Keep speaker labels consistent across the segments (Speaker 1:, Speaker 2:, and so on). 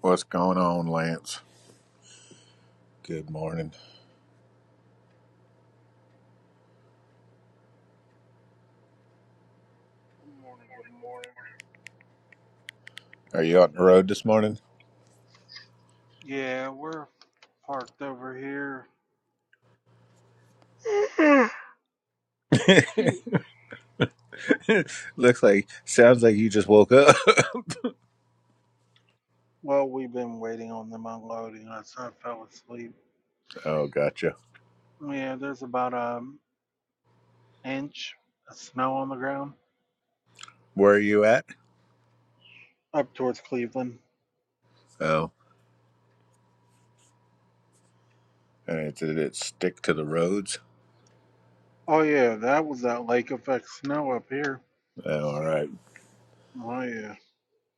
Speaker 1: What's going on, Lance? Good morning.
Speaker 2: Good morning, good morning.
Speaker 1: Are you out on the road this morning?
Speaker 2: Yeah, we're parked over here.
Speaker 1: Looks like, sounds like you just woke up.
Speaker 2: Well, we've been waiting on them unloading us. I fell asleep.
Speaker 1: Oh, gotcha.
Speaker 2: Yeah, there's about an inch of snow on the ground
Speaker 1: Where are you at?
Speaker 2: up towards Cleveland.
Speaker 1: Oh, and did it stick to the roads?
Speaker 2: Oh, yeah, that was that lake effect snow up here.
Speaker 1: Oh, all right.
Speaker 2: Oh, yeah.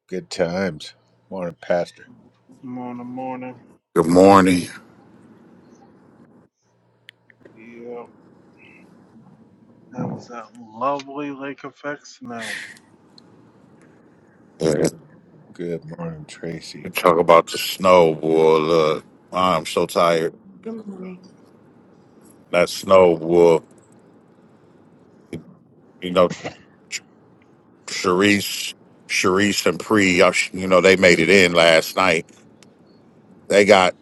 Speaker 1: Good times. Morning, Pastor.
Speaker 2: Morning, morning.
Speaker 3: Good morning.
Speaker 2: Yep, that was that lovely lake effect snow.
Speaker 3: Yeah.
Speaker 1: Good morning,
Speaker 3: You
Speaker 1: Tracy.
Speaker 3: talk about the snow, boy. Look, I'm so tired. That snow, boy. You know, Ch- Sharice, Sharice and Pre, y'all sh- you know, they made it in last night. They got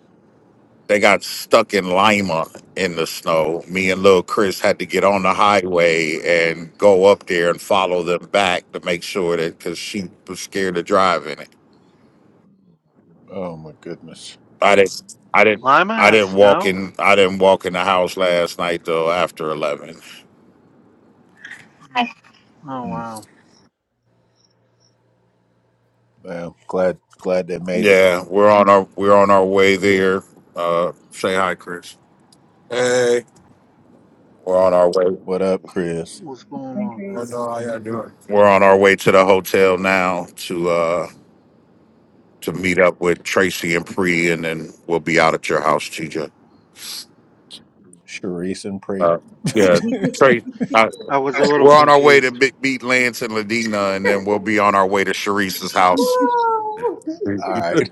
Speaker 3: they got stuck in Lima in the snow. Me and little Chris had to get on the highway and go up there and follow them back to make sure that because she was scared of driving it.
Speaker 1: Oh my goodness.
Speaker 3: I didn't, I didn't,
Speaker 2: Lima
Speaker 3: I
Speaker 2: had
Speaker 3: didn't walk
Speaker 2: snow?
Speaker 3: in. I didn't walk in the house last night though after eleven.
Speaker 2: Oh,
Speaker 1: Mm,
Speaker 2: wow.
Speaker 1: well, glad glad they made it.
Speaker 3: Yeah, we're on our we're on our way there. Uh, say hi, Chris. Hey, We're on our way.
Speaker 1: What up, Chris?
Speaker 2: What's going on,
Speaker 3: oh
Speaker 2: Chris?
Speaker 3: no, how y'all doing? We're on our way to the hotel now to uh to meet up with Tracy and Pre, and then we'll be out at your house, TJ.
Speaker 1: Sharice and Pre.
Speaker 3: Uh, yeah, Tracy. Uh,
Speaker 2: I was a little
Speaker 3: we're on our way
Speaker 2: confused.
Speaker 3: to be- meet Lance and Ladina, and then we'll be on our way to Sharice's house.
Speaker 1: All right.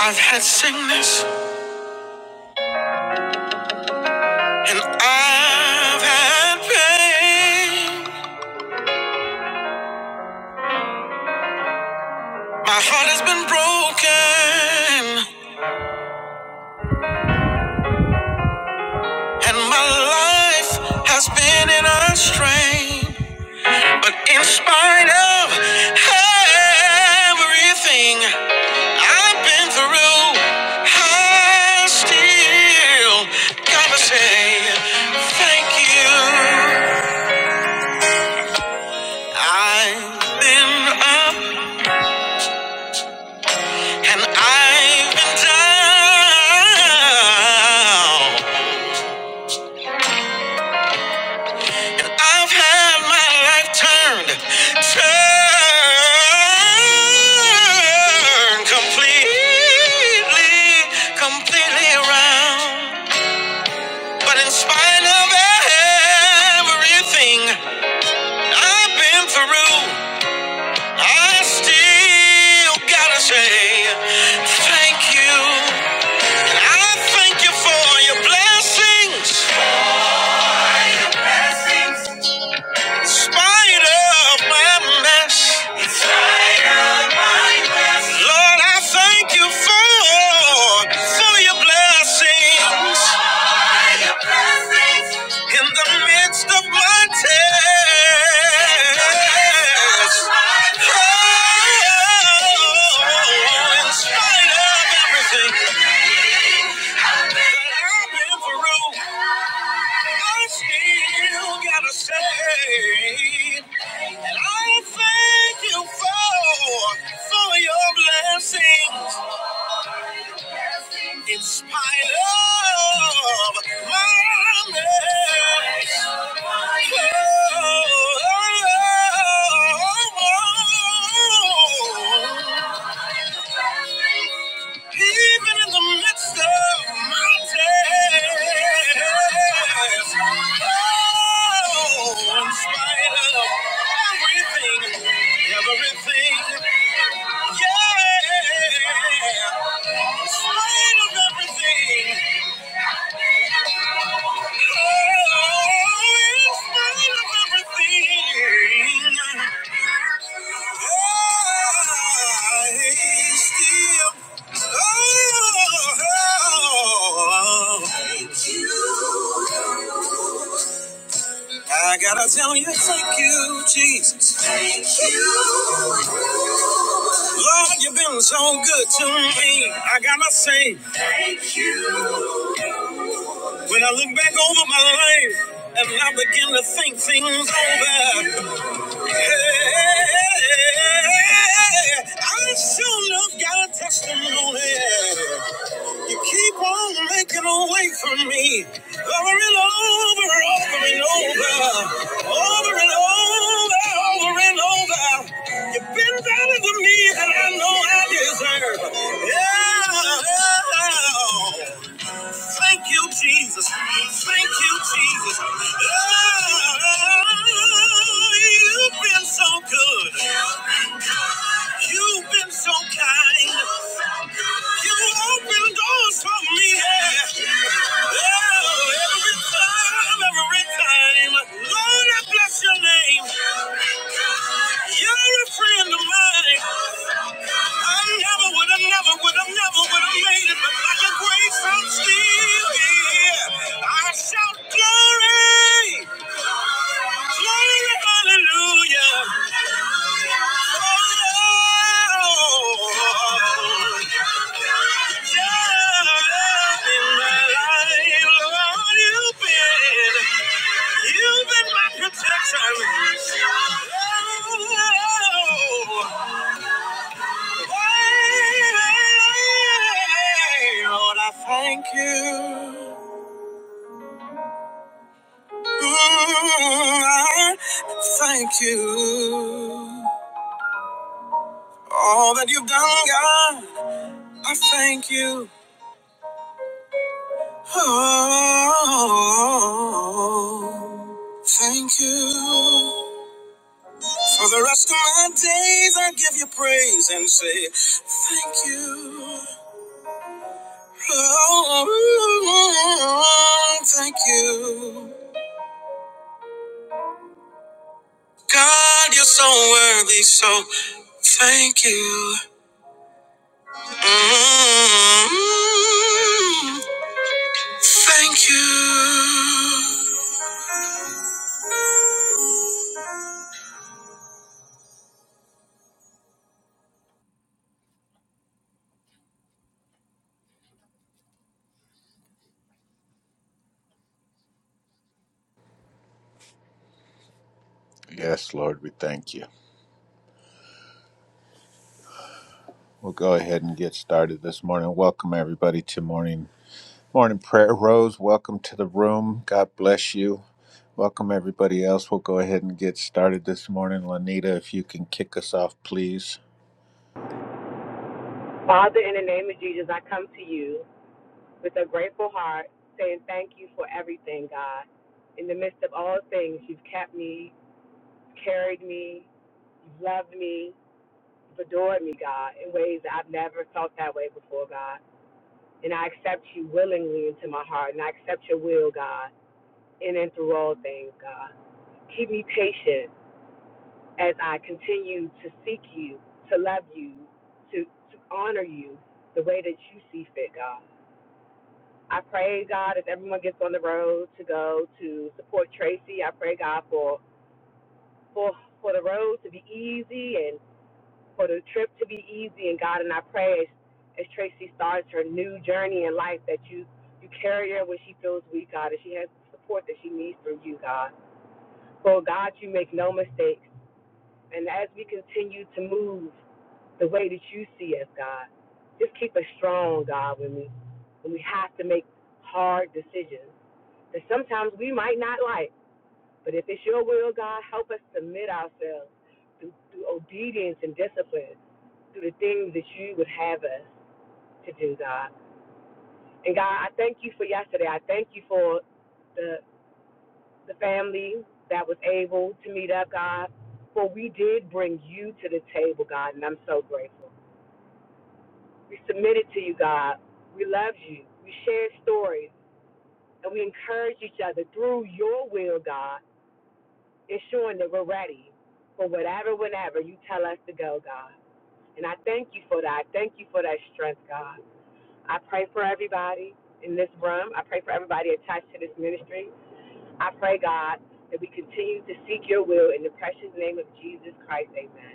Speaker 4: I've had sickness and I've had pain. My heart has been broken and my life has been in a strain. But in spite of everything I've been through, I still gotta say thank you. I've been up And I've been down. I've had my life turned, turned completely, completely around. But in spite of everything I've been through, I still gotta say thank you. And I thank you for your blessings. In spite of my mess. In spite of my mess. Lord, I thank you for, for your blessings in the midst of my test. Oh, in spite of everything that I've been through. I still gotta say that I thank you for for your blessings in spite of my mess. Oh, oh, oh, oh. Even in the midst of my test, oh, in spite of everything, everything, yeah, in spite of everything, oh, in spite of everything, I still I gotta tell you, thank you, Jesus. Thank you. Lord, you've been so good to me. I gotta say, thank you. When I look back over my life and I begin to think things over, hey, I sure love got a testimony. You keep on making a way for me, over and over, over and over, over and over, over and over. You've been better to me than I know I deserve. Yeah. yeah. Thank you, Jesus. Thank you, Jesus. Oh, you've been so good. You've been so kind. You opened doors for me. Yeah. Oh, every time, every time name. Lord, I bless your name. You're a friend of mine. I never would have, never would have, never would have made it, but by your grace I'm still here. I shout glory hallelujah. Oh, yeah, in my life, Lord, you've been, you've been my protection. Oh, hey, Lord, I thank you. I thank you. All that you've done, God, I thank you. Oh, thank you. For the rest of my days, I give you praise and say, Thank you. Oh, thank you. God, you're so worthy, so thank you. Mm, Thank you. Love
Speaker 1: Yes, Lord, we thank you. We'll go ahead and get started this morning. Welcome everybody to morning Morning, Prayer Rose. Welcome to the room. God bless you. Welcome, everybody else. We'll go ahead and get started this morning. Lanita, if you can kick us off, please.
Speaker 5: Father, in the name of Jesus, I come to you with a grateful heart, saying thank you for everything, God. In the midst of all things, you've kept me, carried me, you've loved me, you've adored me, God, in ways that I've never felt that way before, God. And I accept you willingly into my heart, and I accept your will, God, in and through all things, God. Keep me patient as I continue to seek you, to love you, to, to honor you the way that you see fit, God. I pray, God, as everyone gets on the road to go to support Tracy, I pray, God, for for for the road to be easy and for the trip to be easy. And God, and I pray as, as Tracy starts her new journey in life that you you carry her when she feels weak, God, and she has the support that she needs through you, God. For God, you make no mistakes. And as we continue to move the way that you see us, God, just keep us strong, God, when we when we have to make hard decisions. that sometimes we might not like. But if it's your will, God, help us submit ourselves through, through obedience and discipline, through the things that you would have us to do, God. And God, I thank you for yesterday. I thank you for the the family that was able to meet up, God. For we did bring you to the table, God, and I'm so grateful. We submitted to you, God. We love you. We shared stories and we encourage each other through your will, God It's showing that we're ready for whatever, whenever you tell us to go, God. And I thank you for that. I thank you for that strength, God. I pray for everybody in this room. I pray for everybody attached to this ministry. I pray, God, that we continue to seek your will in the precious name of Jesus Christ. Amen.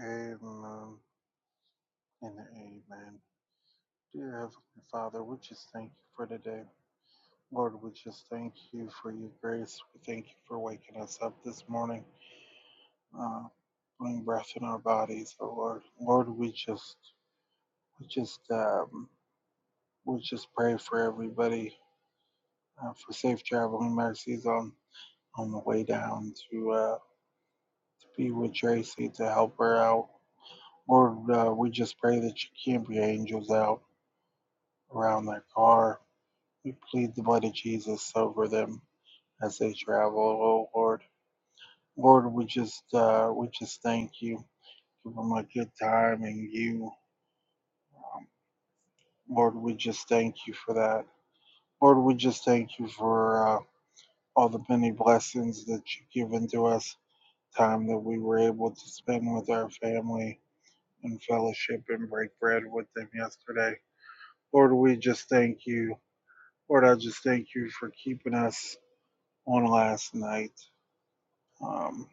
Speaker 2: Amen and amen. Dear Heavenly Father, we just thank you for today. Lord, we just thank you for your grace. We thank you for waking us up this morning, uh, putting breath in our bodies. Oh Lord, Lord, we just, we just, um, we just pray for everybody uh, for safe traveling mercies on on the way down to uh, to be with Tracy to help her out. Lord, uh, we just pray that you keep your angels out around their car We plead the blood of Jesus over them as they travel, oh Lord. Lord, we just uh, we just thank you. Give them a good time and you um, Lord, we just thank you for that. Lord, we just thank you for uh, all the many blessings that you've given to us, time that we were able to spend with our family and fellowship and break bread with them yesterday. Lord, we just thank you. Lord, I just thank you for keeping us on last night. Um,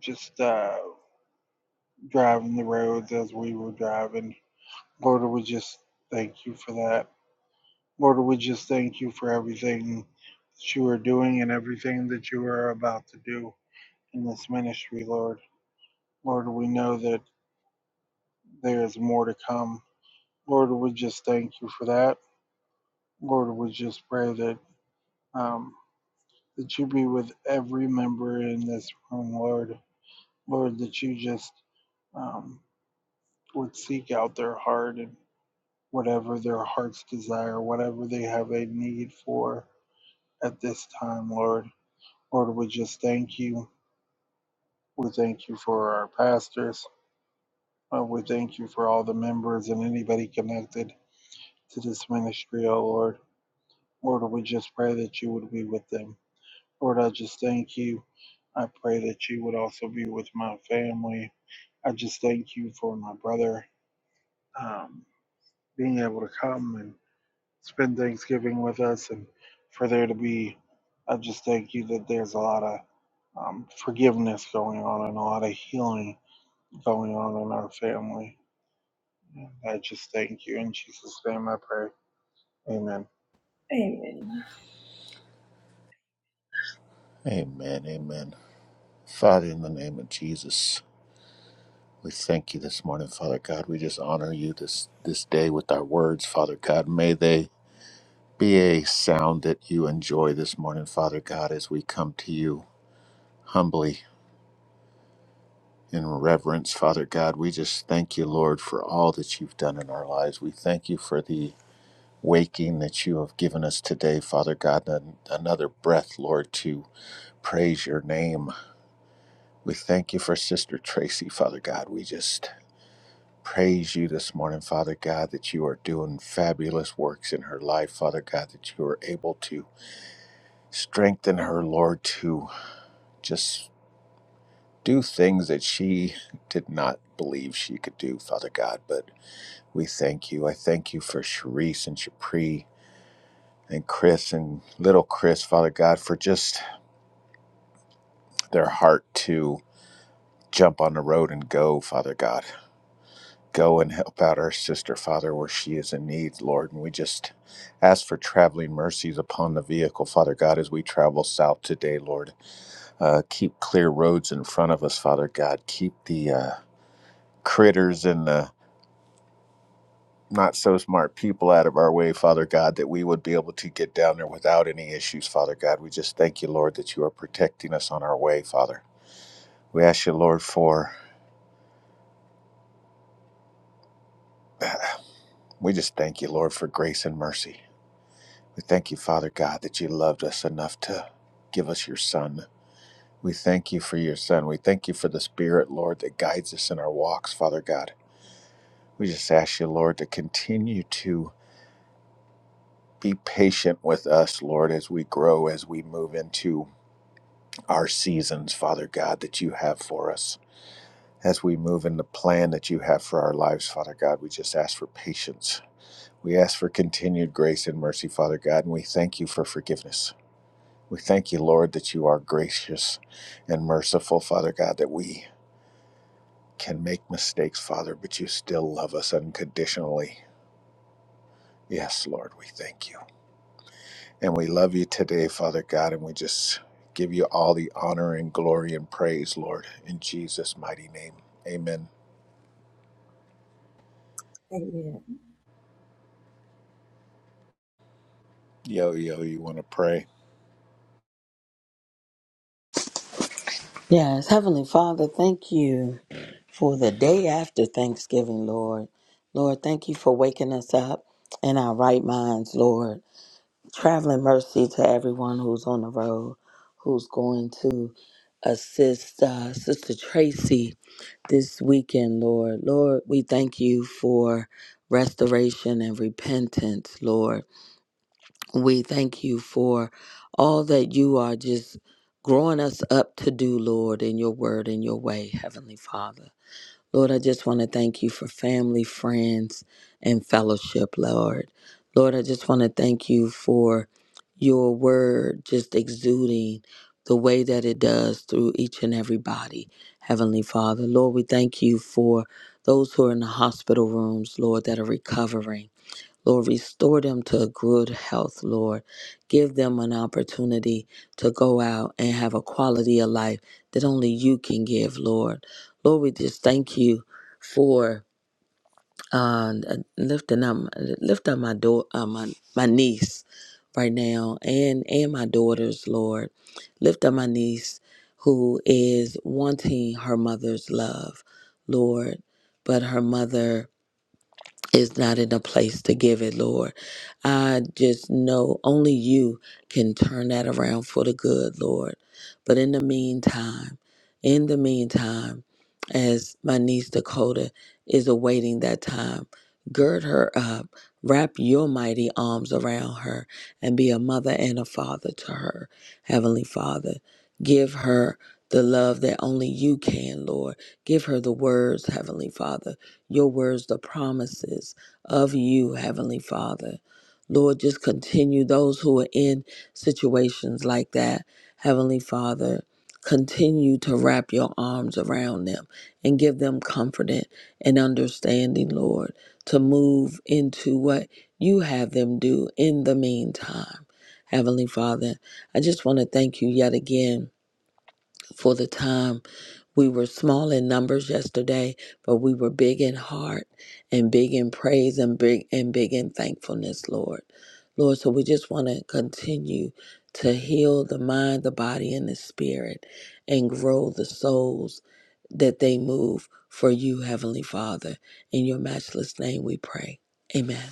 Speaker 2: just uh, driving the roads as we were driving. Lord, we just thank you for that. Lord, we just thank you for everything that you are doing and everything that you are about to do in this ministry, Lord. Lord, we know that there is more to come. Lord, we just thank you for that. Lord, we just pray that um, that you be with every member in this room, Lord. Lord, that you just um, would seek out their heart and. whatever their hearts desire, whatever they have a need for at this time, Lord. Lord, we just thank you. We thank you for our pastors. Uh, we thank you for all the members and anybody connected to this ministry, oh Lord. Lord, we just pray that you would be with them. Lord, I just thank you. I pray that you would also be with my family. I just thank you for my brother um, being able to come and. spend Thanksgiving with us and for there to be, I just thank you that there's a lot of um, forgiveness going on and a lot of healing going on in our family. And I just thank you. In Jesus' name I pray. Amen.
Speaker 1: Amen. Amen. Father, in the name of Jesus, we thank you this morning, Father God. We just honor you this, this day with our words, Father God. May they be a sound that you enjoy this morning, Father God, as we come to you humbly in reverence, Father God. We just thank you, Lord, for all that you've done in our lives. We thank you for the waking that you have given us today, Father God, an- another breath, Lord, to praise your name. We thank you for Sister Tracy, Father God. We just praise you this morning, Father God, that you are doing fabulous works in her life, Father God, that you are able to strengthen her, Lord, to just do things that she did not believe she could do, Father God. But we thank you. I thank you for Sharice and Shapri and Chris and little Chris, Father God, for just their heart to jump on the road and go, Father God. Go and help out our sister, Father, where she is in need, Lord. And we just ask for traveling mercies upon the vehicle, Father God, as we travel south today, Lord. Uh, keep clear roads in front of us, Father God. Keep the uh, critters and the not so smart people out of our way, Father God, that we would be able to get down there without any issues, Father God. We just thank you, Lord, that you are protecting us on our way, Father. We ask you, Lord, for We just thank you, Lord, for grace and mercy. We thank you, Father God, that you loved us enough to give us your Son. We thank you for your Son. We thank you for the Spirit, Lord, that guides us in our walks, Father God. We just ask you, Lord, to continue to be patient with us, Lord, as we grow, as we move into our seasons, Father God, that you have for us. As we move in the plan that you have for our lives, Father God, we just ask for patience. We ask for continued grace and mercy, Father God, and we thank you for forgiveness. We thank you, Lord, that you are gracious and merciful, Father God, that we can make mistakes, Father, but you still love us unconditionally. Yes, Lord, we thank you. And we love you today, Father God, and we just give you all the honor and glory and praise, Lord, in Jesus' mighty name. Amen. Yo, yo, you want to pray?
Speaker 6: Yes, Heavenly Father, thank you for the day after Thanksgiving, Lord. Lord, thank you for waking us up in our right minds, Lord. Traveling mercy to everyone who's on the road, who's going to assist uh, Sister Tracy this weekend, Lord. Lord, we thank you for restoration and repentance, Lord. We thank you for all that you are just growing us up to do, Lord, in your word and your way, Heavenly Father. Lord, I just want to thank you for family, friends, and fellowship, Lord. Lord, I just want to thank you for your word just exuding the way that it does through each and every body, Heavenly Father. Lord, we thank you for those who are in the hospital rooms, Lord, that are recovering. Lord, restore them to good health, Lord. Give them an opportunity to go out and have a quality of life that only you can give, Lord. Lord, we just thank you for uh, lifting up, lift up my, daughter, uh, my my niece right now and and my daughters, Lord. Lift up my niece who is wanting her mother's love, Lord, but her mother is not in a place to give it, Lord. I just know only you can turn that around for the good, Lord. But in the meantime, in the meantime, as my niece Dakota is awaiting that time, gird her up, wrap your mighty arms around her, and be a mother and a father to her, Heavenly Father. Give her the love that only you can, Lord. Give her the words, Heavenly Father your words, the promises of you, Heavenly Father. Lord, just continue those who are in situations like that, Heavenly Father. Continue to wrap your arms around them and give them comfort and understanding, Lord, to move into what you have them do in the meantime. Heavenly Father, I just want to thank you yet again for the time we were small in numbers yesterday, but we were big in heart and big in praise and big and big in thankfulness, Lord. Lord, so we just want to continue to heal the mind, the body, and the spirit and grow the souls that they move for you, Heavenly Father. In your matchless name we pray. Amen.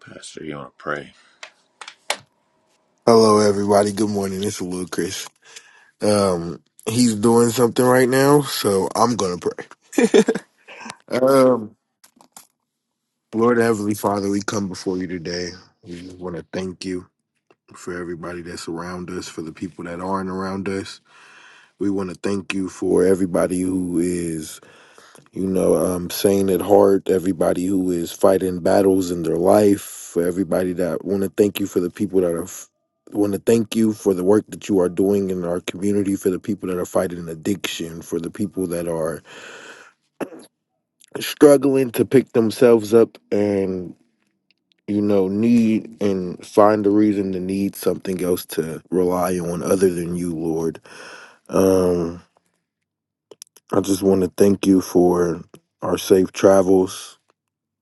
Speaker 1: Pastor, you want to pray?
Speaker 3: Hello, everybody. Good morning. It's Will Chris. Um, he's doing something right now, so I'm gonna pray. Um, Lord Heavenly Father, we come before you today. We just want to thank you for everybody that's around us, for the people that aren't around us. We want to thank you for everybody who is, you know, um, saying it hard, everybody who is fighting battles in their life, for everybody that want to thank you for the people that are. F- want to thank you for the work that you are doing in our community for the people that are fighting addiction for the people that are struggling to pick themselves up and you know, need and find a reason to need something else to rely on other than you, Lord. Um, I just want to thank you for our safe travels.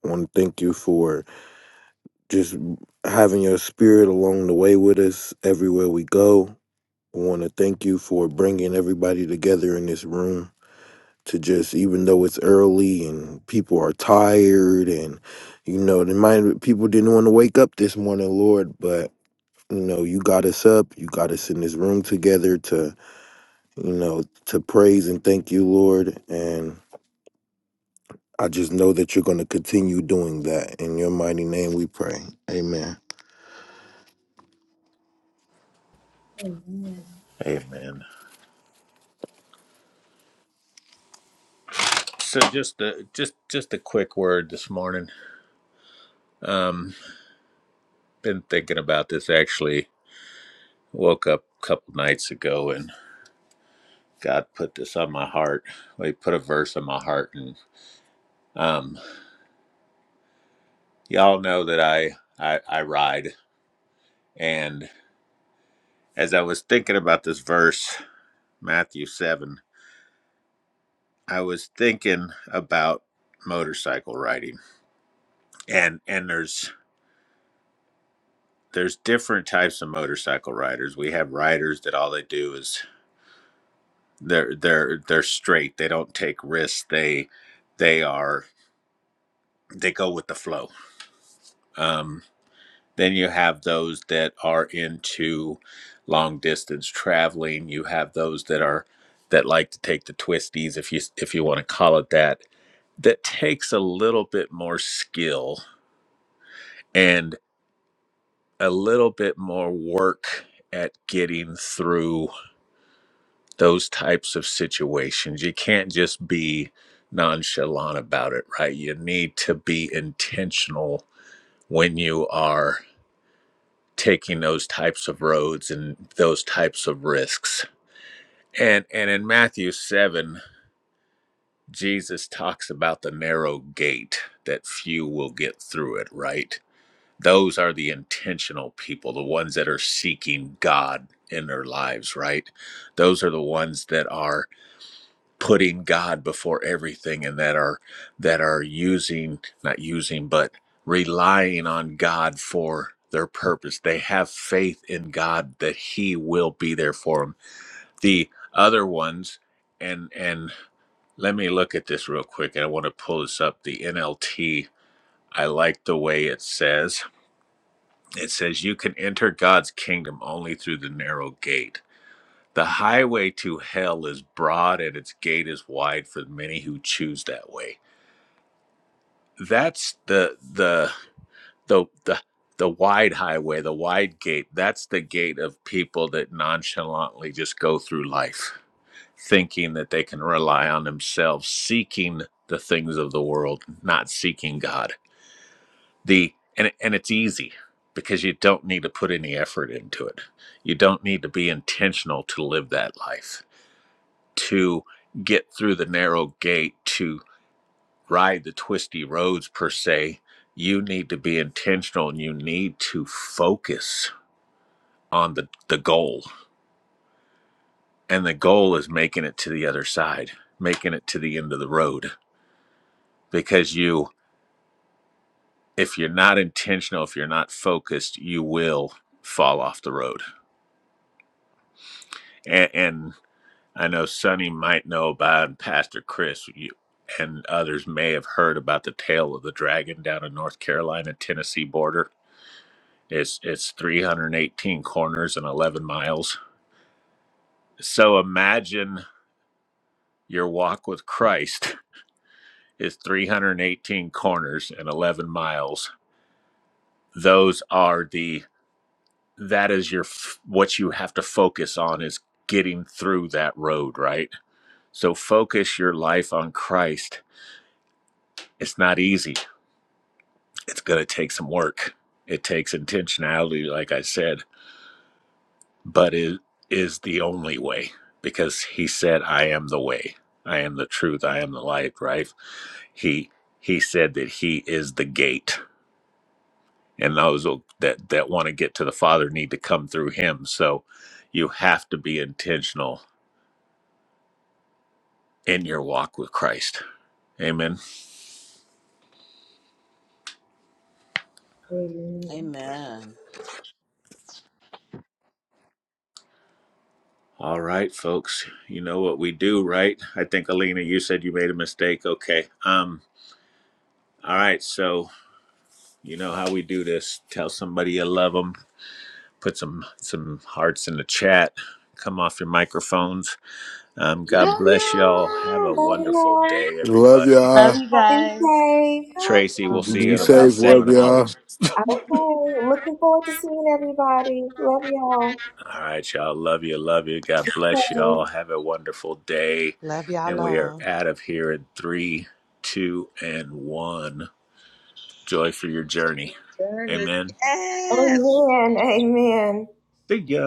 Speaker 3: I want to thank you for just having your spirit along the way with us everywhere we go. I want to thank you for bringing everybody together in this room to just, even though it's early and people are tired and, you know, they might, people didn't want to wake up this morning, Lord, but you know you got us up you got us in this room together to you know to praise and thank you lord and i just know that you're going to continue doing that in your mighty name we pray amen
Speaker 1: Amen. So just a just just a quick word this morning. Um, been thinking about this actually woke up a couple nights ago and God put this on my heart. Well, He put a verse on my heart, and um, y'all know that I, I I ride. And as I was thinking about this verse, Matthew seven, I was thinking about motorcycle riding, and and there's there's different types of motorcycle riders. We have riders that all they do is they're they're they're straight. They don't take risks. They they are they go with the flow. Um, Then you have those that are into long distance traveling. You have those that are that like to take the twisties, if you if you want to call it that. That takes a little bit more skill and a little bit more work at getting through those types of situations. You can't just be nonchalant about it, right? You need to be intentional when you are taking those types of roads and those types of risks. And and in Matthew 7, Jesus talks about the narrow gate that few will get through it, right? Those are the intentional people, the ones that are seeking God in their lives, right? Those are the ones that are putting God before everything and that are that are using not using but relying on God for their purpose. They have faith in God that he will be there for them. The other ones and and let me look at this real quick and I want to pull this up the NLT. I like the way it says. It says you can enter God's kingdom only through the narrow gate the highway to hell is broad and its gate is wide for many who choose that way. That's the the the the the wide highway, the wide gate. That's the gate of people that nonchalantly just go through life thinking that they can rely on themselves, seeking the things of the world, not seeking God. The and and it's easy because you don't need to put any effort into it. You don't need to be intentional to live that life to get through the narrow gate, to ride the twisty roads per se, you need to be intentional and you need to focus on the, the goal. And the goal is making it to the other side, making it to the end of the road. Because you, if you're not intentional, if you're not focused, you will fall off the road. And, and I know Sonny might know about, and Pastor Chris you, and others may have heard about the tail of the dragon down in North Carolina Tennessee border. It's it's 318 corners and 11 miles. So imagine your walk with Christ is 318 corners and 11 miles. Those are the that is your f- what you have to focus on is getting through that road, right? So focus your life on Christ. It's not easy it's going to take some work. It takes intentionality, like I said, but it is the only way because he said, I am the way. I am the truth. I am the light, right? He he said that he is the gate. And those will- that, that want to get to the Father need to come through him. So you have to be intentional in your walk with Christ. Amen.
Speaker 6: Amen.
Speaker 1: All right, folks. You know what we do, right? I think Alina, you said you made a mistake. Okay. Um, all right, so You know how we do this. Tell somebody you love them. Put some some hearts in the chat. Come off your microphones. Um, God
Speaker 6: Love
Speaker 1: bless y'all. Have a
Speaker 6: you.
Speaker 1: wonderful
Speaker 4: y'all.
Speaker 1: day,
Speaker 3: Love
Speaker 1: everybody.
Speaker 7: Love
Speaker 3: y'all.
Speaker 7: you
Speaker 4: Have a great
Speaker 7: guys.
Speaker 4: day.
Speaker 6: Love
Speaker 1: Tracy,
Speaker 6: your
Speaker 1: we'll see you
Speaker 3: Be
Speaker 1: in
Speaker 7: Good luck,
Speaker 1: about
Speaker 3: safe. Love
Speaker 1: seven
Speaker 3: y'all.
Speaker 7: Tracy.
Speaker 1: hours.
Speaker 4: Okay. Looking forward to seeing everybody. Love y'all.
Speaker 1: All right, y'all. Love you. Love you. God bless
Speaker 4: Okay.
Speaker 1: y'all. Have a wonderful day. And we are out of here in three, two, and one. Joy for your journey.
Speaker 6: journey.
Speaker 1: Amen.
Speaker 6: Yes.
Speaker 4: Amen. Amen.
Speaker 1: See ya.